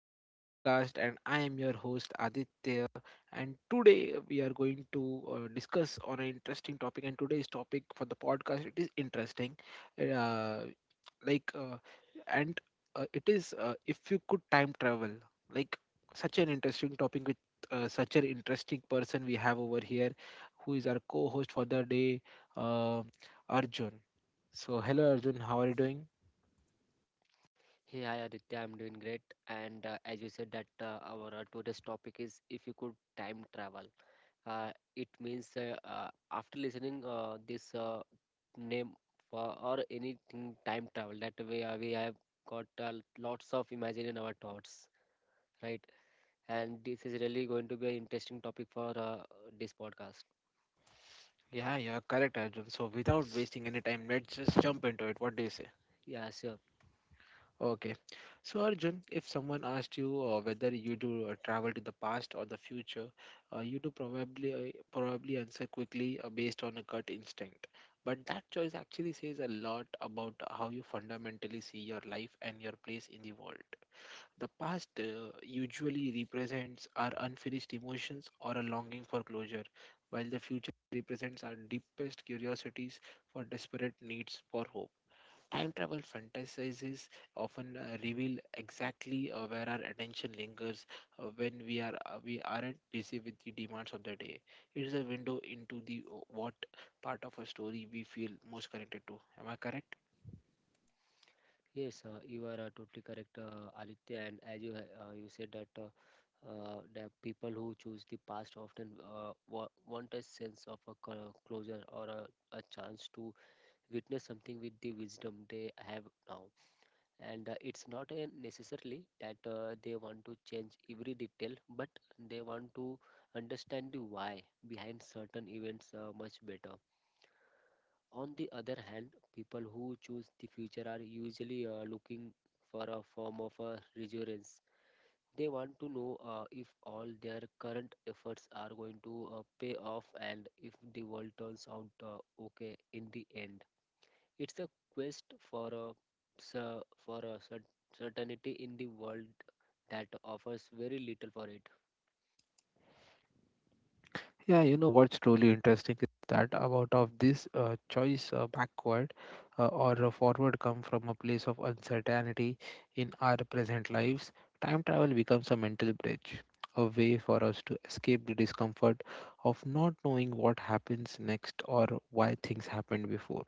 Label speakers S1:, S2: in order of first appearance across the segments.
S1: to the podcast. And I am your host Aditya. And today we are going to discuss on an interesting topic. And today's topic for the podcast it is interesting, uh, like, and it is if you could time travel, like such an interesting topic with such an interesting person we have over here, who is our co-host for the day, uh, Arjun. So, hello Arjun, how are you doing?
S2: Hey, hi Aditya, I'm doing great. And as you said that our today's topic is if you could time travel. It means after listening this name for or anything time travel that way we have got lots of imagine in our thoughts, right? And this is really going to be an interesting topic for this podcast.
S1: Yeah, you're correct, Arjun. So, without wasting any time, let's just jump into it. What do you say?
S2: Yeah, sure.
S1: Okay. So, Arjun, if someone asked you whether you do travel to the past or the future, you do probably answer quickly based on a gut instinct. But that choice actually says a lot about how you fundamentally see your life and your place in the world. The past usually represents our unfinished emotions or a longing for closure, while the future represents our deepest curiosities for desperate needs for hope. Time travel fantasies often reveal exactly where our attention lingers when we aren't busy with the demands of the day. It is a window into the what part of a story we feel most connected to. Am I correct?
S2: Yes, you are totally correct, Aditya. And as you you said that that people who choose the past often uh, want a sense of closure or a chance to witness something with the wisdom they have now. And it's not a necessarily that they want to change every detail, but they want to understand the why behind certain events much better. On the other hand, people who choose the future are usually looking for a form of a reassurance. They want to know if all their current efforts are going to pay off and if the world turns out okay in the end. It's a quest for a cer- for a cer- certainty in the world that offers very little for it.
S1: Yeah, you know what's truly interesting is that about of this choice backward or forward come from a place of uncertainty in our present lives. Time travel becomes a mental bridge, a way for us to escape the discomfort of not knowing what happens next or why things happened before.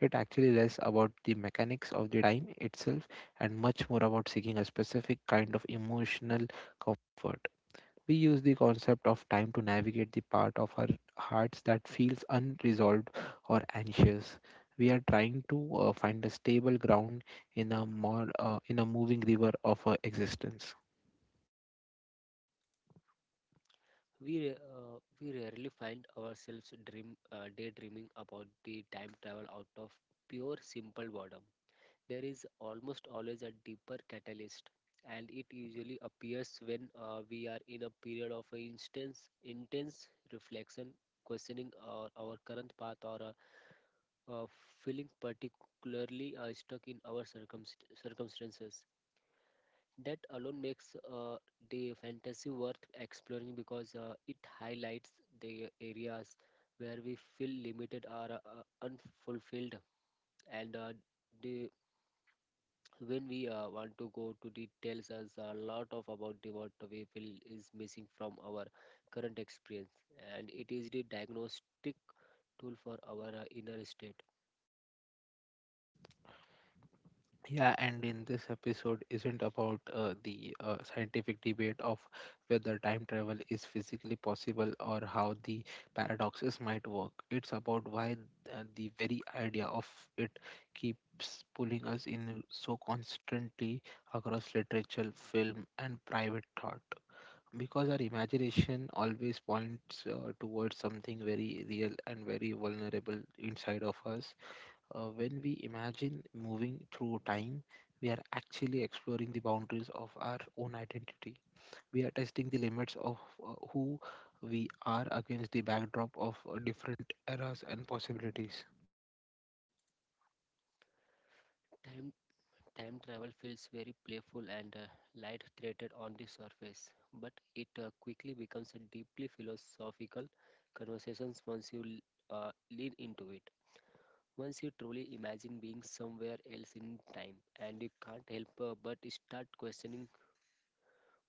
S1: It actually less about the mechanics of the time itself and much more about seeking a specific kind of emotional comfort. We use the concept of time to navigate the part of our hearts that feels unresolved or anxious. We are trying to find a stable ground in a more in a moving river of existence.
S2: We we rarely find ourselves dream daydreaming about the time travel out of pure simple boredom. There is almost always a deeper catalyst, and it usually appears when we are in a period of instance, intense reflection, questioning our current path, or uh, uh, feeling particularly stuck in our circumstances that alone makes the fantasy worth exploring because it highlights the areas where we feel limited or unfulfilled and the when we want to go to the tells us a lot of about the what we feel is missing from our current experience and it is the diagnostic tool for our inner state.
S1: Yeah, and in this episode isn't about the scientific debate of whether time travel is physically possible or how the paradoxes might work. It's about why the very idea of it keeps pulling us in so constantly across literature, film, and private thought. Because our imagination always points towards something very real and very vulnerable inside of us. When we imagine moving through time, we are actually exploring the boundaries of our own identity. We are testing the limits of who we are against the backdrop of different eras and possibilities.
S2: Time, time travel feels very playful and light-threaded on the surface, but it quickly becomes a deeply philosophical conversation once you lean into it. Once you truly imagine being somewhere else in time, and you can't help but start questioning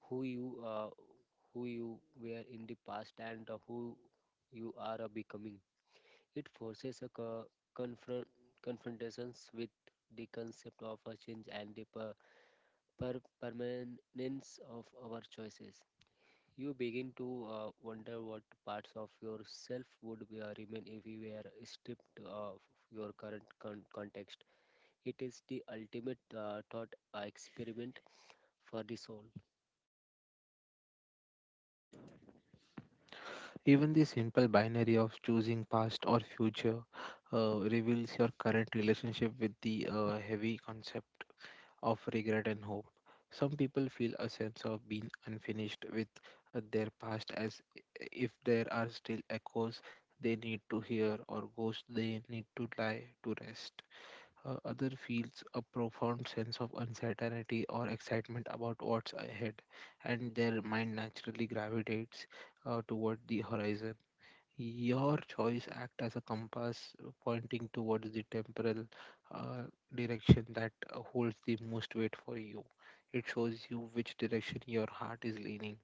S2: who you uh, who you were in the past and who you are becoming. It forces a co- confront confrontations with the concept of a change and the permanence of our choices. You begin to wonder what parts of yourself would be, remain if you were stripped of your current context. It is the ultimate thought experiment for the soul.
S1: Even the simple binary of choosing past or future reveals your current relationship with the heavy concept of regret and hope. Some people feel a sense of being unfinished with their past as if there are still echoes they need to hear or ghosts they need to lie to rest. Other feels a profound sense of uncertainty or excitement about what's ahead, and their mind naturally gravitates toward the horizon. Your choice act as a compass pointing towards the temporal uh, direction that holds the most weight for you. It shows you which direction your heart is leaning.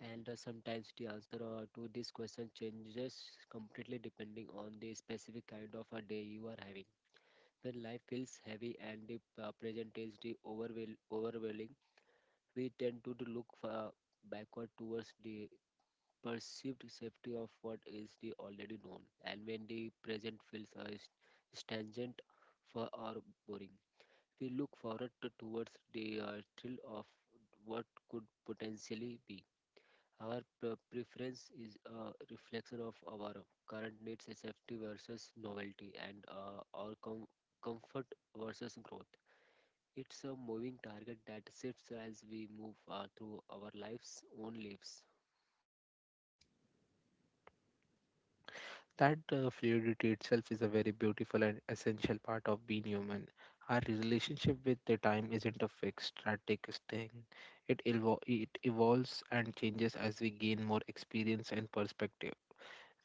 S2: And sometimes the answer to this question changes completely depending on the specific kind of a day you are having. When life feels heavy and the present is the overwhelming, we tend to look backward towards the perceived safety of what is the already known. And when the present feels stagnant for or boring, we look towards the thrill of what could potentially be. Our preference is a reflection of our current needs, safety versus novelty, and our comfort versus growth. It's a moving target that shifts as we move through our life's own lives.
S1: That fluidity itself is a very beautiful and essential part of being human. Our relationship with the time isn't a fixed, static thing. It evolves and changes as we gain more experience and perspective.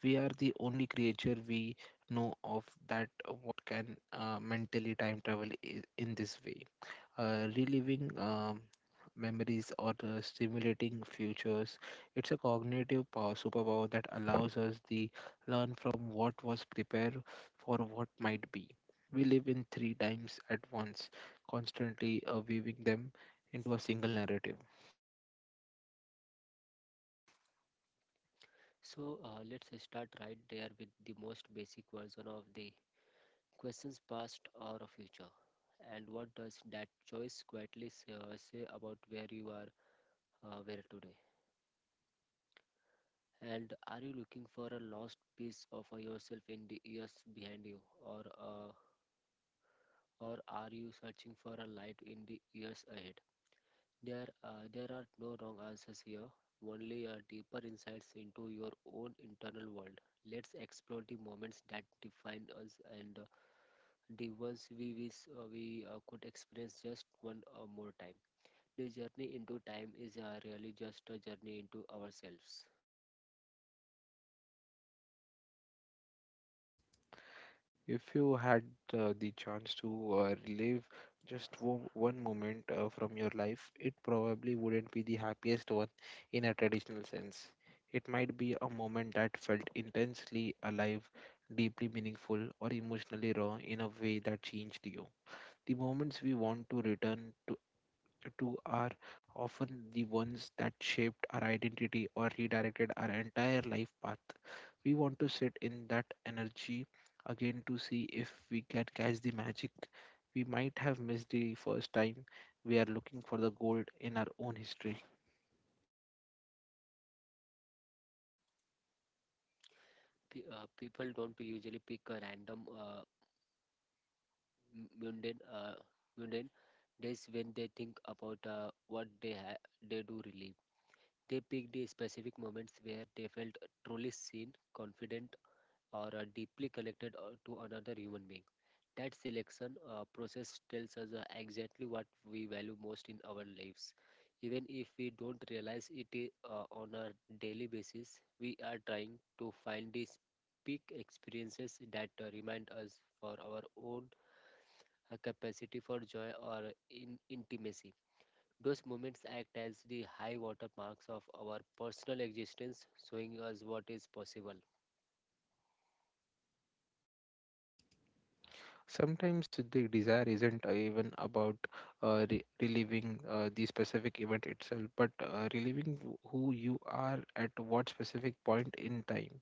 S1: We are the only creature we know of that what can mentally time travel in this way, reliving memories or stimulating futures. It's a cognitive power superpower that allows us the learn from what was prepared for what might be. We live in three times at once, constantly weaving them into a single narrative.
S2: So let's start right there with the most basic version of the questions past or future. And what does that choice quietly say, say about where you are where today? And are you looking for a lost piece of yourself in the years behind you, or uh, or are you searching for a light in the years ahead? There are no wrong answers here, only a deeper insights into your own internal world. Let's explore the moments that define us and the ones we wish we could experience just one or more time. The journey into time is really just a journey into ourselves.
S1: If you had the chance to relive just one moment from your life, it probably wouldn't be the happiest one in a traditional sense. It might be a moment that felt intensely alive, deeply meaningful, or emotionally raw in a way that changed you. The moments we want to return to, are often the ones that shaped our identity or redirected our entire life path. We want to sit in that energy again to see if we can catch the magic we might have missed the first time. We are looking for the gold in our own history.
S2: People don't usually pick a random m- mundane uh, mundane days when they think about what they do really. They picked the specific moments where they felt truly seen, confident, or deeply connected to another human being. That selection process tells us exactly what we value most in our lives. Even if we don't realize it on a daily basis, we are trying to find these peak experiences that remind us for our own capacity for joy or in intimacy. Those moments act as the high water marks of our personal existence, showing us what is possible.
S1: Sometimes the desire isn't even about reliving the specific event itself, but reliving who you are at what specific point in time.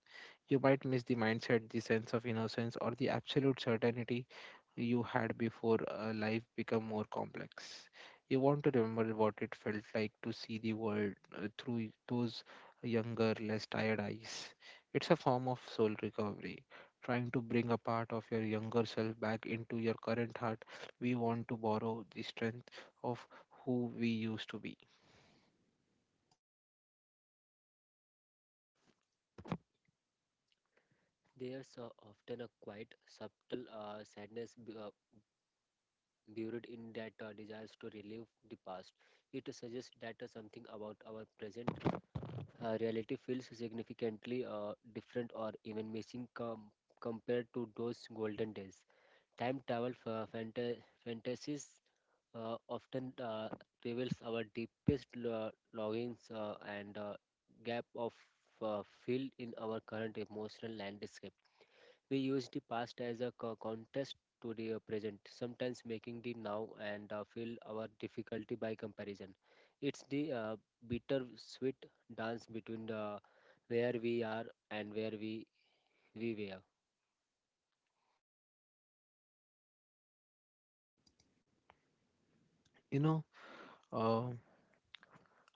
S1: You might miss the mindset, the sense of innocence, or the absolute certainty you had before life become more complex. You want to remember what it felt like to see the world through those younger, less tired eyes. It's a form of soul recovery, trying to bring a part of your younger self back into your current heart. We want to borrow the strength of who we used to be.
S2: There's often a quite subtle sadness buried in that desires to relive the past. It suggests that something about our present reality feels significantly different or even missing compared to those golden days. Time travel fantasies often reveals our deepest longings and gap of field in our current emotional landscape. We use the past as a contrast to the present, sometimes making the now and feel our difficulty by comparison. It's the bitter sweet dance between the where we are and where we were.
S1: You know, uh,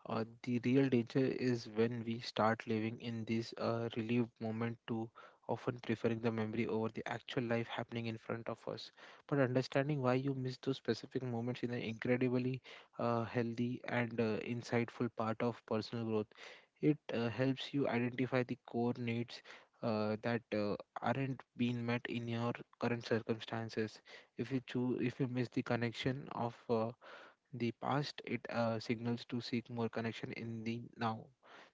S1: the real danger is when we start living in this relieved moment too often, preferring the memory over the actual life happening in front of us. But understanding why you miss those specific moments is an incredibly healthy and insightful part of personal growth. It helps you identify the core needs that aren't being met in your current circumstances. If you miss the connection of the past, it signals to seek more connection in the now.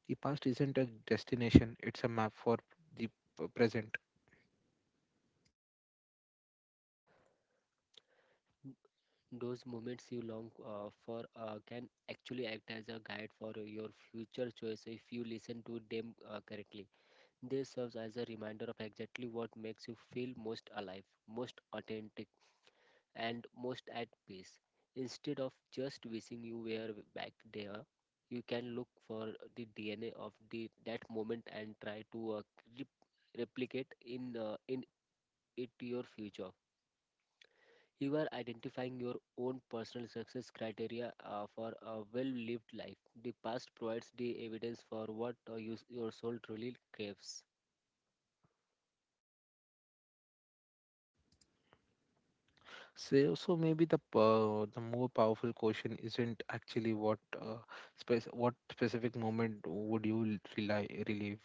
S1: The past isn't a destination, it's a map for the present.
S2: Those moments you long for can actually act as a guide for your future choice if you listen to them correctly. They serves as a reminder of exactly what makes you feel most alive, most authentic, and most at peace. Instead of just wishing you were back there, you can look for the DNA of the that moment and try to rep- replicate in it your future. You are identifying your own personal success criteria for a well lived life. The past provides the evidence for what your soul truly craves.
S1: So, maybe the more powerful question isn't actually what specific moment would you l- rely relive,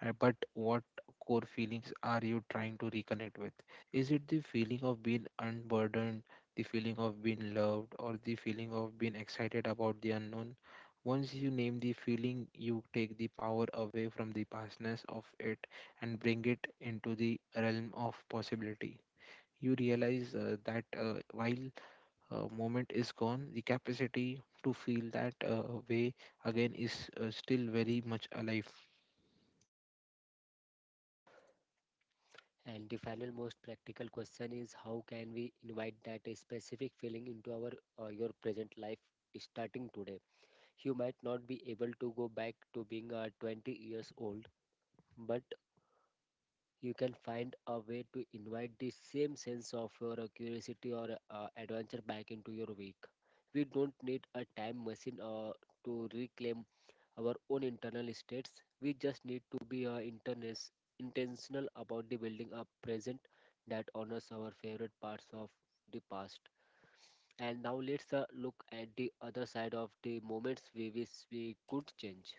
S1: but what core feelings are you trying to reconnect with? Is it the feeling of being unburdened, the feeling of being loved, or the feeling of being excited about the unknown? Once you name the feeling, you take the power away from the pastness of it and bring it into the realm of possibility. You realize that while moment is gone, the capacity to feel that way again is still very much alive.
S2: And the final, most practical question is how can we invite that specific feeling into our your present life starting today? You might not be able to go back to being 20 years old, but you can find a way to invite the same sense of your curiosity or adventure back into your week. We don't need a time machine to reclaim our own internal states. We just need to be intentional about the building a present that honors our favorite parts of the past. And now let's look at the other side of the moments we wish we could change.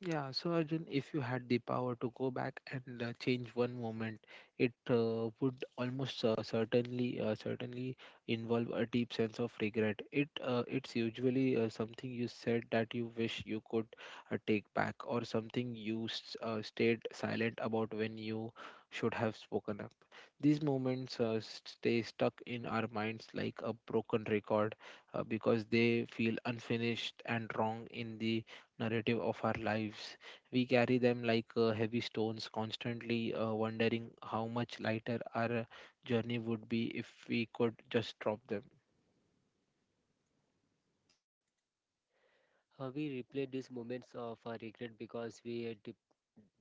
S1: Yeah, so Arjun, if you had the power to go back and change one moment, it would almost certainly involve a deep sense of regret. It's usually something you said that you wish you could take back, or something you stayed silent about when you should have spoken up. These moments stay stuck in our minds like a broken record, because they feel unfinished and wrong in the narrative of our lives. We carry them like heavy stones, constantly wondering how much lighter our journey would be if we could just drop them.
S2: We replay these moments of regret because we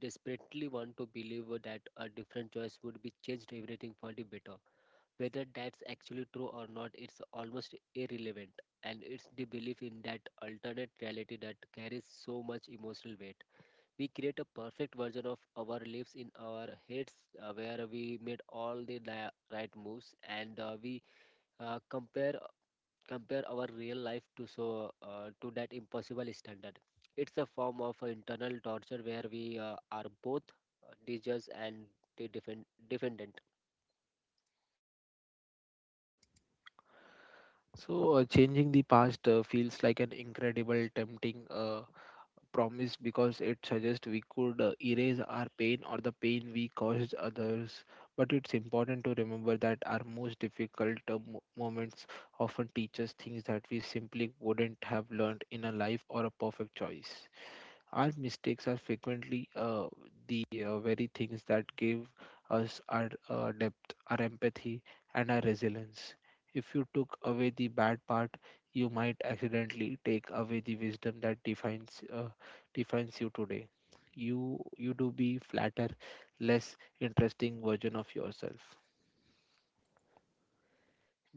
S2: desperately want to believe that a different choice would be changed everything for the better. Whether that's actually true or not, it's almost irrelevant. And it's the belief in that alternate reality that carries so much emotional weight. We create a perfect version of our lives in our heads where we made all the right moves and uh, we uh, compare compare our real life to to that impossible standard. It's a form of internal torture where we are both the judge and the defendant.
S1: So, changing the past feels like an incredible, tempting promise because it suggests we could erase our pain or the pain we caused others. But it's important to remember that our most difficult moments often teach us things that we simply wouldn't have learned in a life or a perfect choice. Our mistakes are frequently the very things that give us our depth, our empathy, and our resilience. If you took away the bad part, you might accidentally take away the wisdom that defines you today. You do be flatter, less interesting version of yourself.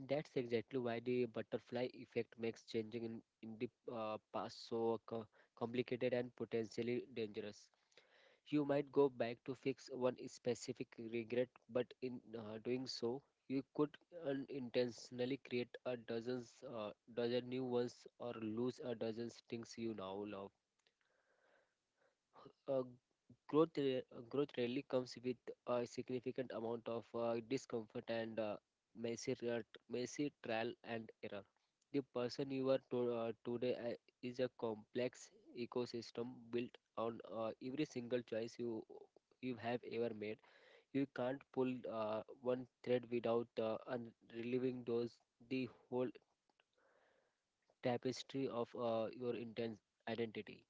S2: That's exactly why the butterfly effect makes changing in the past so complicated and potentially dangerous. You might go back to fix one specific regret, but in doing so, you could unintentionally create dozen new ones or lose a dozen things you now love. uh, growth rarely comes with a significant amount of discomfort and messy trial and error. The person you are today is a complex ecosystem built on every single choice you have ever made. You can't pull one thread without revealing those the whole tapestry of your intense identity.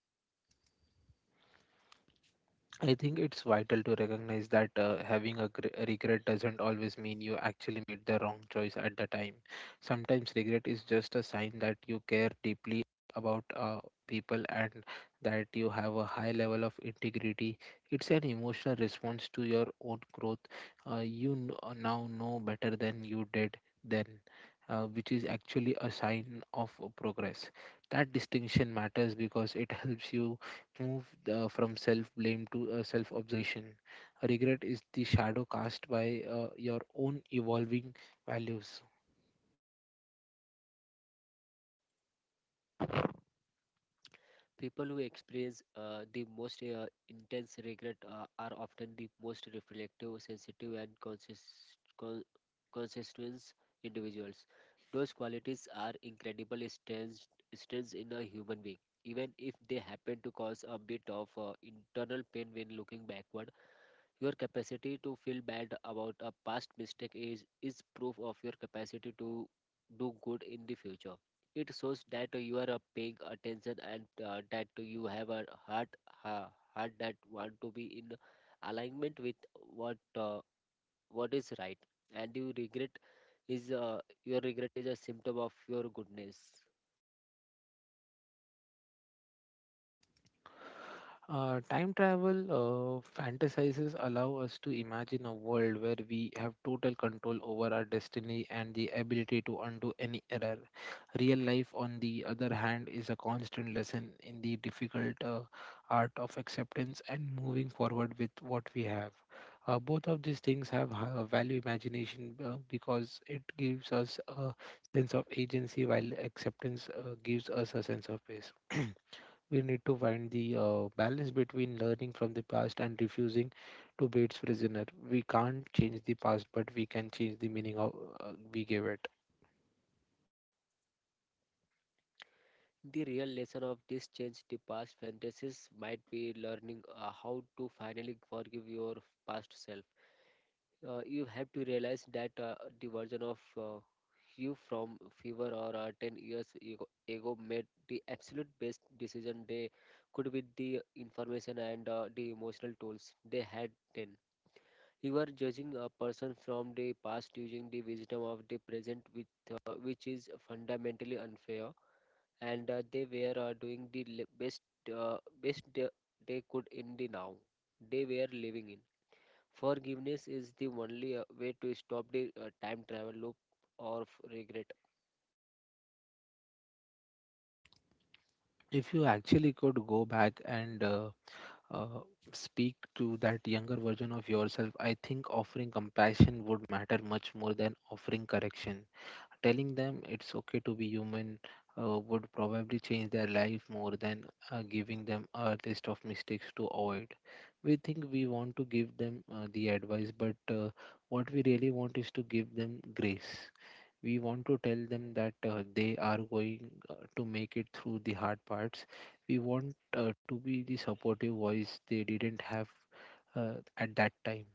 S1: I think it's vital to recognize that having a regret doesn't always mean you actually made the wrong choice at the time. Sometimes regret is just a sign that you care deeply about people and that you have a high level of integrity. It's an emotional response to your own growth. Now know better than you did then, which is actually a sign of progress. That distinction matters because it helps you move from self blame to self observation. Regret is the shadow cast by your own evolving values.
S2: People who experience the most intense regret are often the most reflective, sensitive, and consistent individuals. Those qualities are incredible strengths in a human being, even if they happen to cause a bit of internal pain when looking backward. Your capacity to feel bad about a past mistake is proof of your capacity to do good in the future. It shows that you are paying attention and that you have a ha, heart that want to be in alignment with what is right. And you regret is your regret is a symptom of your goodness.
S1: Time travel fantasizes allow us to imagine a world where we have total control over our destiny and the ability to undo any error. Real life, on the other hand, is a constant lesson in the difficult art of acceptance and moving forward with what we have. Both of these things have value. Imagination because it gives us a sense of agency, while acceptance gives us a sense of peace. We need to find the balance between learning from the past and refusing to be its prisoner. We can't change the past, but we can change the meaning of we give it.
S2: The real lesson of this change the past fantasies might be learning how to finally forgive your past self. You have to realize that the version of you from fever or 10 ago made the absolute best decision they could with the information and the emotional tools they had then. You are judging a person from the past using the wisdom of the present, which is fundamentally unfair, and they were doing the best uh, best they could in the now they were living in. Forgiveness is the only way to stop the time travel loop of regret,
S1: If you actually could go back and uh, speak to that younger version of yourself, I think offering compassion would matter much more than offering correction. Telling them it's okay to be human would probably change their life more than giving them a list of mistakes to avoid. We think we want to give them the advice, but what we really want is to give them grace. We want to tell them that they are going to make it through the hard parts. We want to be the supportive voice they didn't have at that time.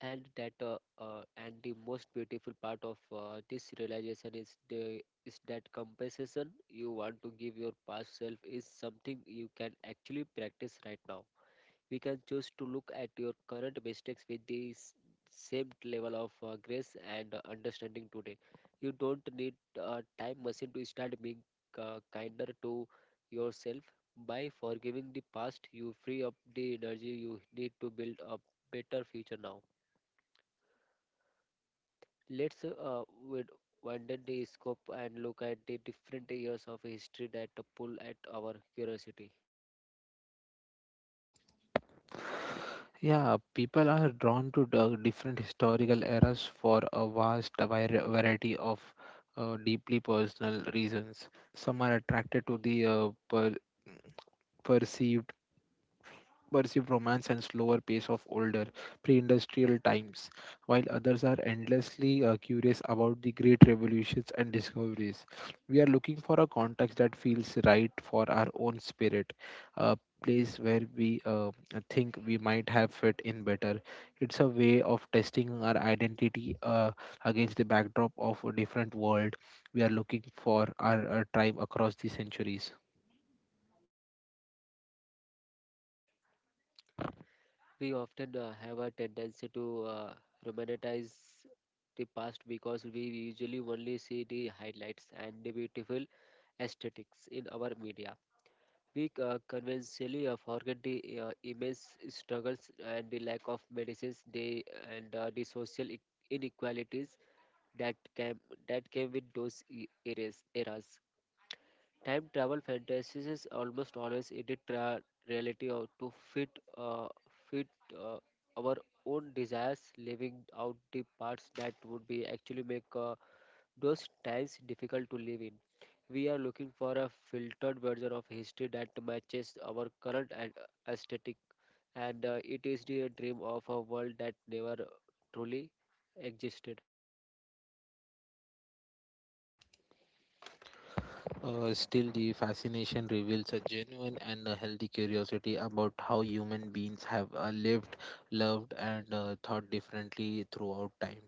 S2: and that and the most beautiful part of this realization is the is that compensation you want to give your past self is something you can actually practice right now. We can choose to look at your current mistakes with the same level of grace and understanding today. You don't need a time machine to start being kinder to yourself. By forgiving the past, you free up the energy you need to build a better future now. Let's wid- widen the scope and look at the different years of history that pull at our curiosity.
S1: Yeah, people are drawn to the different historical eras for a vast variety of deeply personal reasons. Some are attracted to the perceived perceive romance and slower pace of older pre-industrial times, while others are endlessly curious about the great revolutions and discoveries. We are looking for a context that feels right for our own spirit, a place where we think we might have fit in better. It's a way of testing our identity against the backdrop of a different world. We are looking for our tribe across the centuries.
S2: We often have a tendency to romanticize the past because we usually only see the highlights and the beautiful aesthetics in our media. We conventionally forget the immense struggles and the lack of medicines, and the social inequalities that came that came with those eras. Time travel fantasies is almost always edit reality or to fit uh, fit uh, our own desires, leaving out the parts that would be actually make those times difficult to live in. We are looking for a filtered version of history that matches our current aesthetic, and it is the dream of a world that never truly existed.
S1: Still, the fascination reveals a genuine and a healthy curiosity about how human beings have lived, loved, and thought differently throughout time.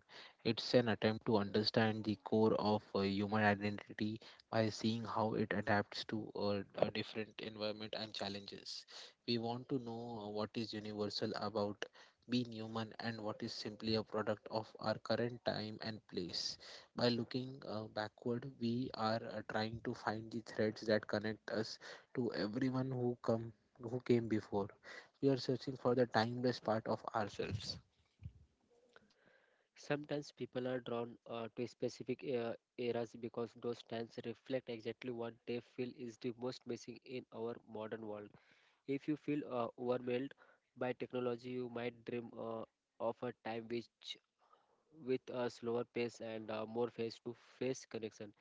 S1: It's an attempt to understand the core of human identity by seeing how it adapts to a different environment and challenges. We want to know what is universal about being human and what is simply a product of our current time and place. By looking backward, we are trying to find the threads that connect us to everyone who came before. We are searching for the timeless part of ourselves.
S2: Sometimes people are drawn to specific eras because those times reflect exactly what they feel is the most missing in our modern world. If you feel overwhelmed by technology, you might dream of a time which with a slower pace and more face-to-face connection.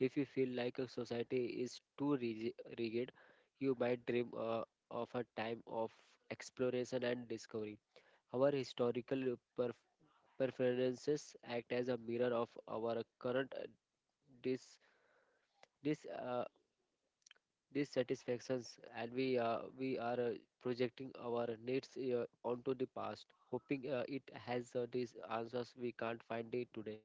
S2: If you feel like a society is too rigid, you might dream of a time of exploration and discovery. Our historical preferences act as a mirror of our current dis- dis- uh, dissatisfactions, and we are projecting our needs onto the past, hoping it has these answers we can't find it today.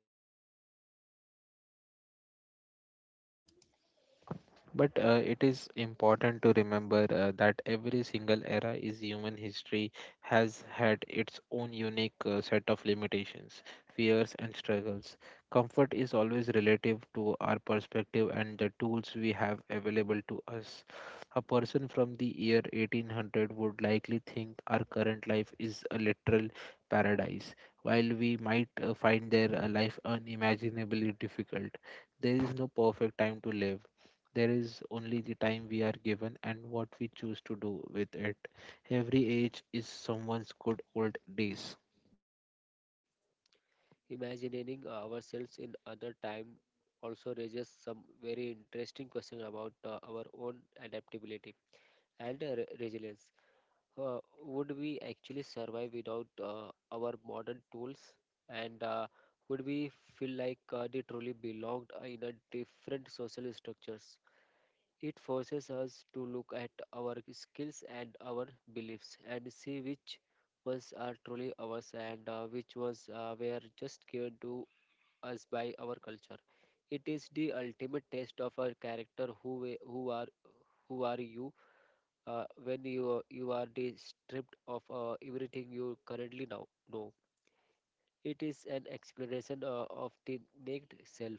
S1: But it is important to remember that every single era is human history has had its own unique set of limitations, fears, and struggles. Comfort is always relative to our perspective and the tools we have available to us. A person from the year 1800 would likely think our current life is a literal paradise, while we might find their life unimaginably difficult. There is no perfect time to live. There is only the time we are given and what we choose to do with it. Every age is someone's good old days.
S2: Imagining ourselves in other time also raises some very interesting question about our own adaptability and resilience. Would we actually survive without our modern tools? And would we feel like they truly belonged in a different social structures? It forces us to look at our skills and our beliefs and see which ones are truly ours and which ones were just given to us by our culture. It is the ultimate test of our character who are you when you are stripped of everything you currently now know. It is an exploration of the naked self.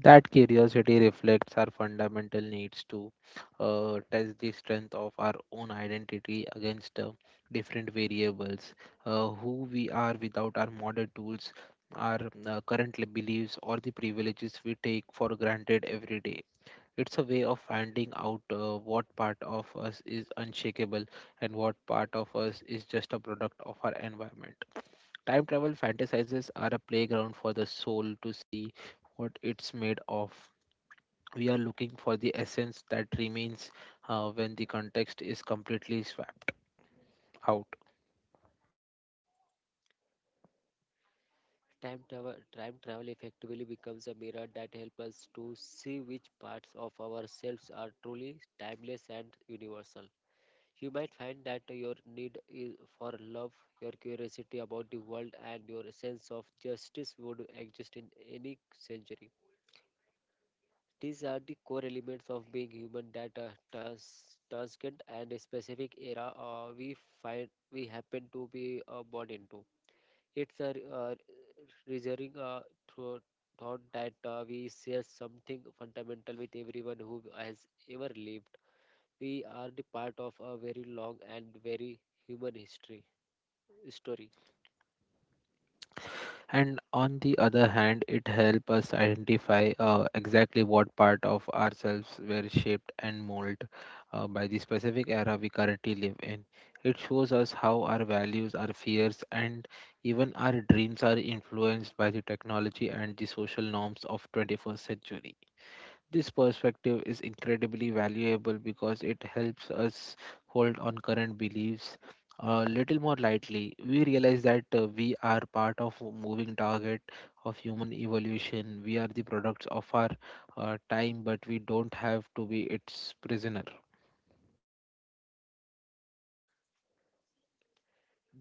S1: That curiosity reflects our fundamental needs to test the strength of our own identity against different variables, who we are without our modern tools, our current beliefs, or the privileges we take for granted every day. It's a way of finding out what part of us is unshakable and what part of us is just a product of our environment. Time travel fantasizes are a playground for the soul to see what it's made of. We are looking for the essence that remains when the context is completely swapped out.
S2: Time travel effectively becomes a mirror that helps us to see which parts of ourselves are truly timeless and universal. You might find that your need for love, your curiosity about the world, and your sense of justice would exist in any century. These are the core elements of being human that transcend and a specific era we find we happen to be born into. It's a reserving thro- thought that we share something fundamental with everyone who has ever lived. We are the part of a very long and very human history story.
S1: And on the other hand, it helps us identify exactly what part of ourselves were shaped and molded by the specific era we currently live in. It shows us how our values, our fears, and even our dreams are influenced by the technology and the social norms of 21st century. This perspective is incredibly valuable because it helps us hold on current beliefs a little more lightly. We realize that we are part of a moving target of human evolution. We are the products of our time, but we don't have to be its prisoner.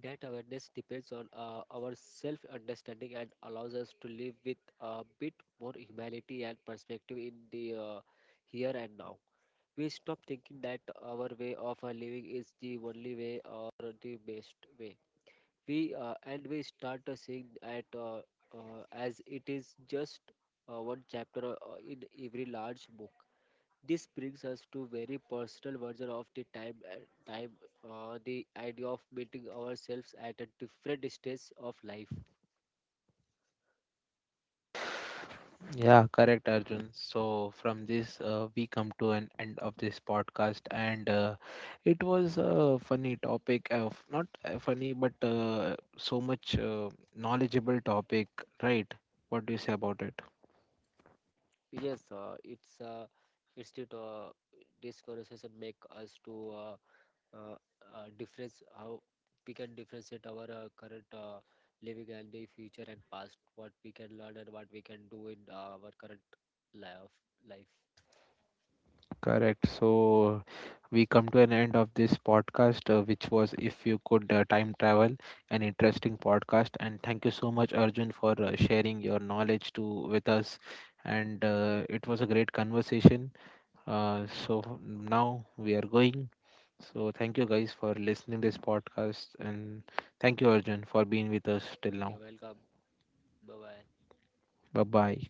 S2: That awareness depends on our self understanding and allows us to live with a bit more humility and perspective in the here and now. We stop thinking that our way of living is the only way or the best way. We and we start seeing at as it is just one chapter in every large book. This brings us to very personal version of the time, the idea of meeting ourselves at a different stage of life.
S1: Yeah, correct, Arjun. So from this, we come to an end of this podcast, and it was a funny topic. Of Not funny, but so much knowledgeable topic, right? What do you say about it?
S2: Yes, it's it, uh, this conversation make us to uh, difference how we can differentiate our current living and the future and past what we can learn and what we can do in our current life life.
S1: Correct. So we come to an end of this podcast, which was if you could time travel, an interesting podcast. And thank you so much, Arjun, for sharing your knowledge to with us. And it was a great conversation. So now we are going. So thank you guys for listening this podcast and thank you Arjun for being with us till now.
S2: You're welcome. Bye bye.
S1: Bye bye.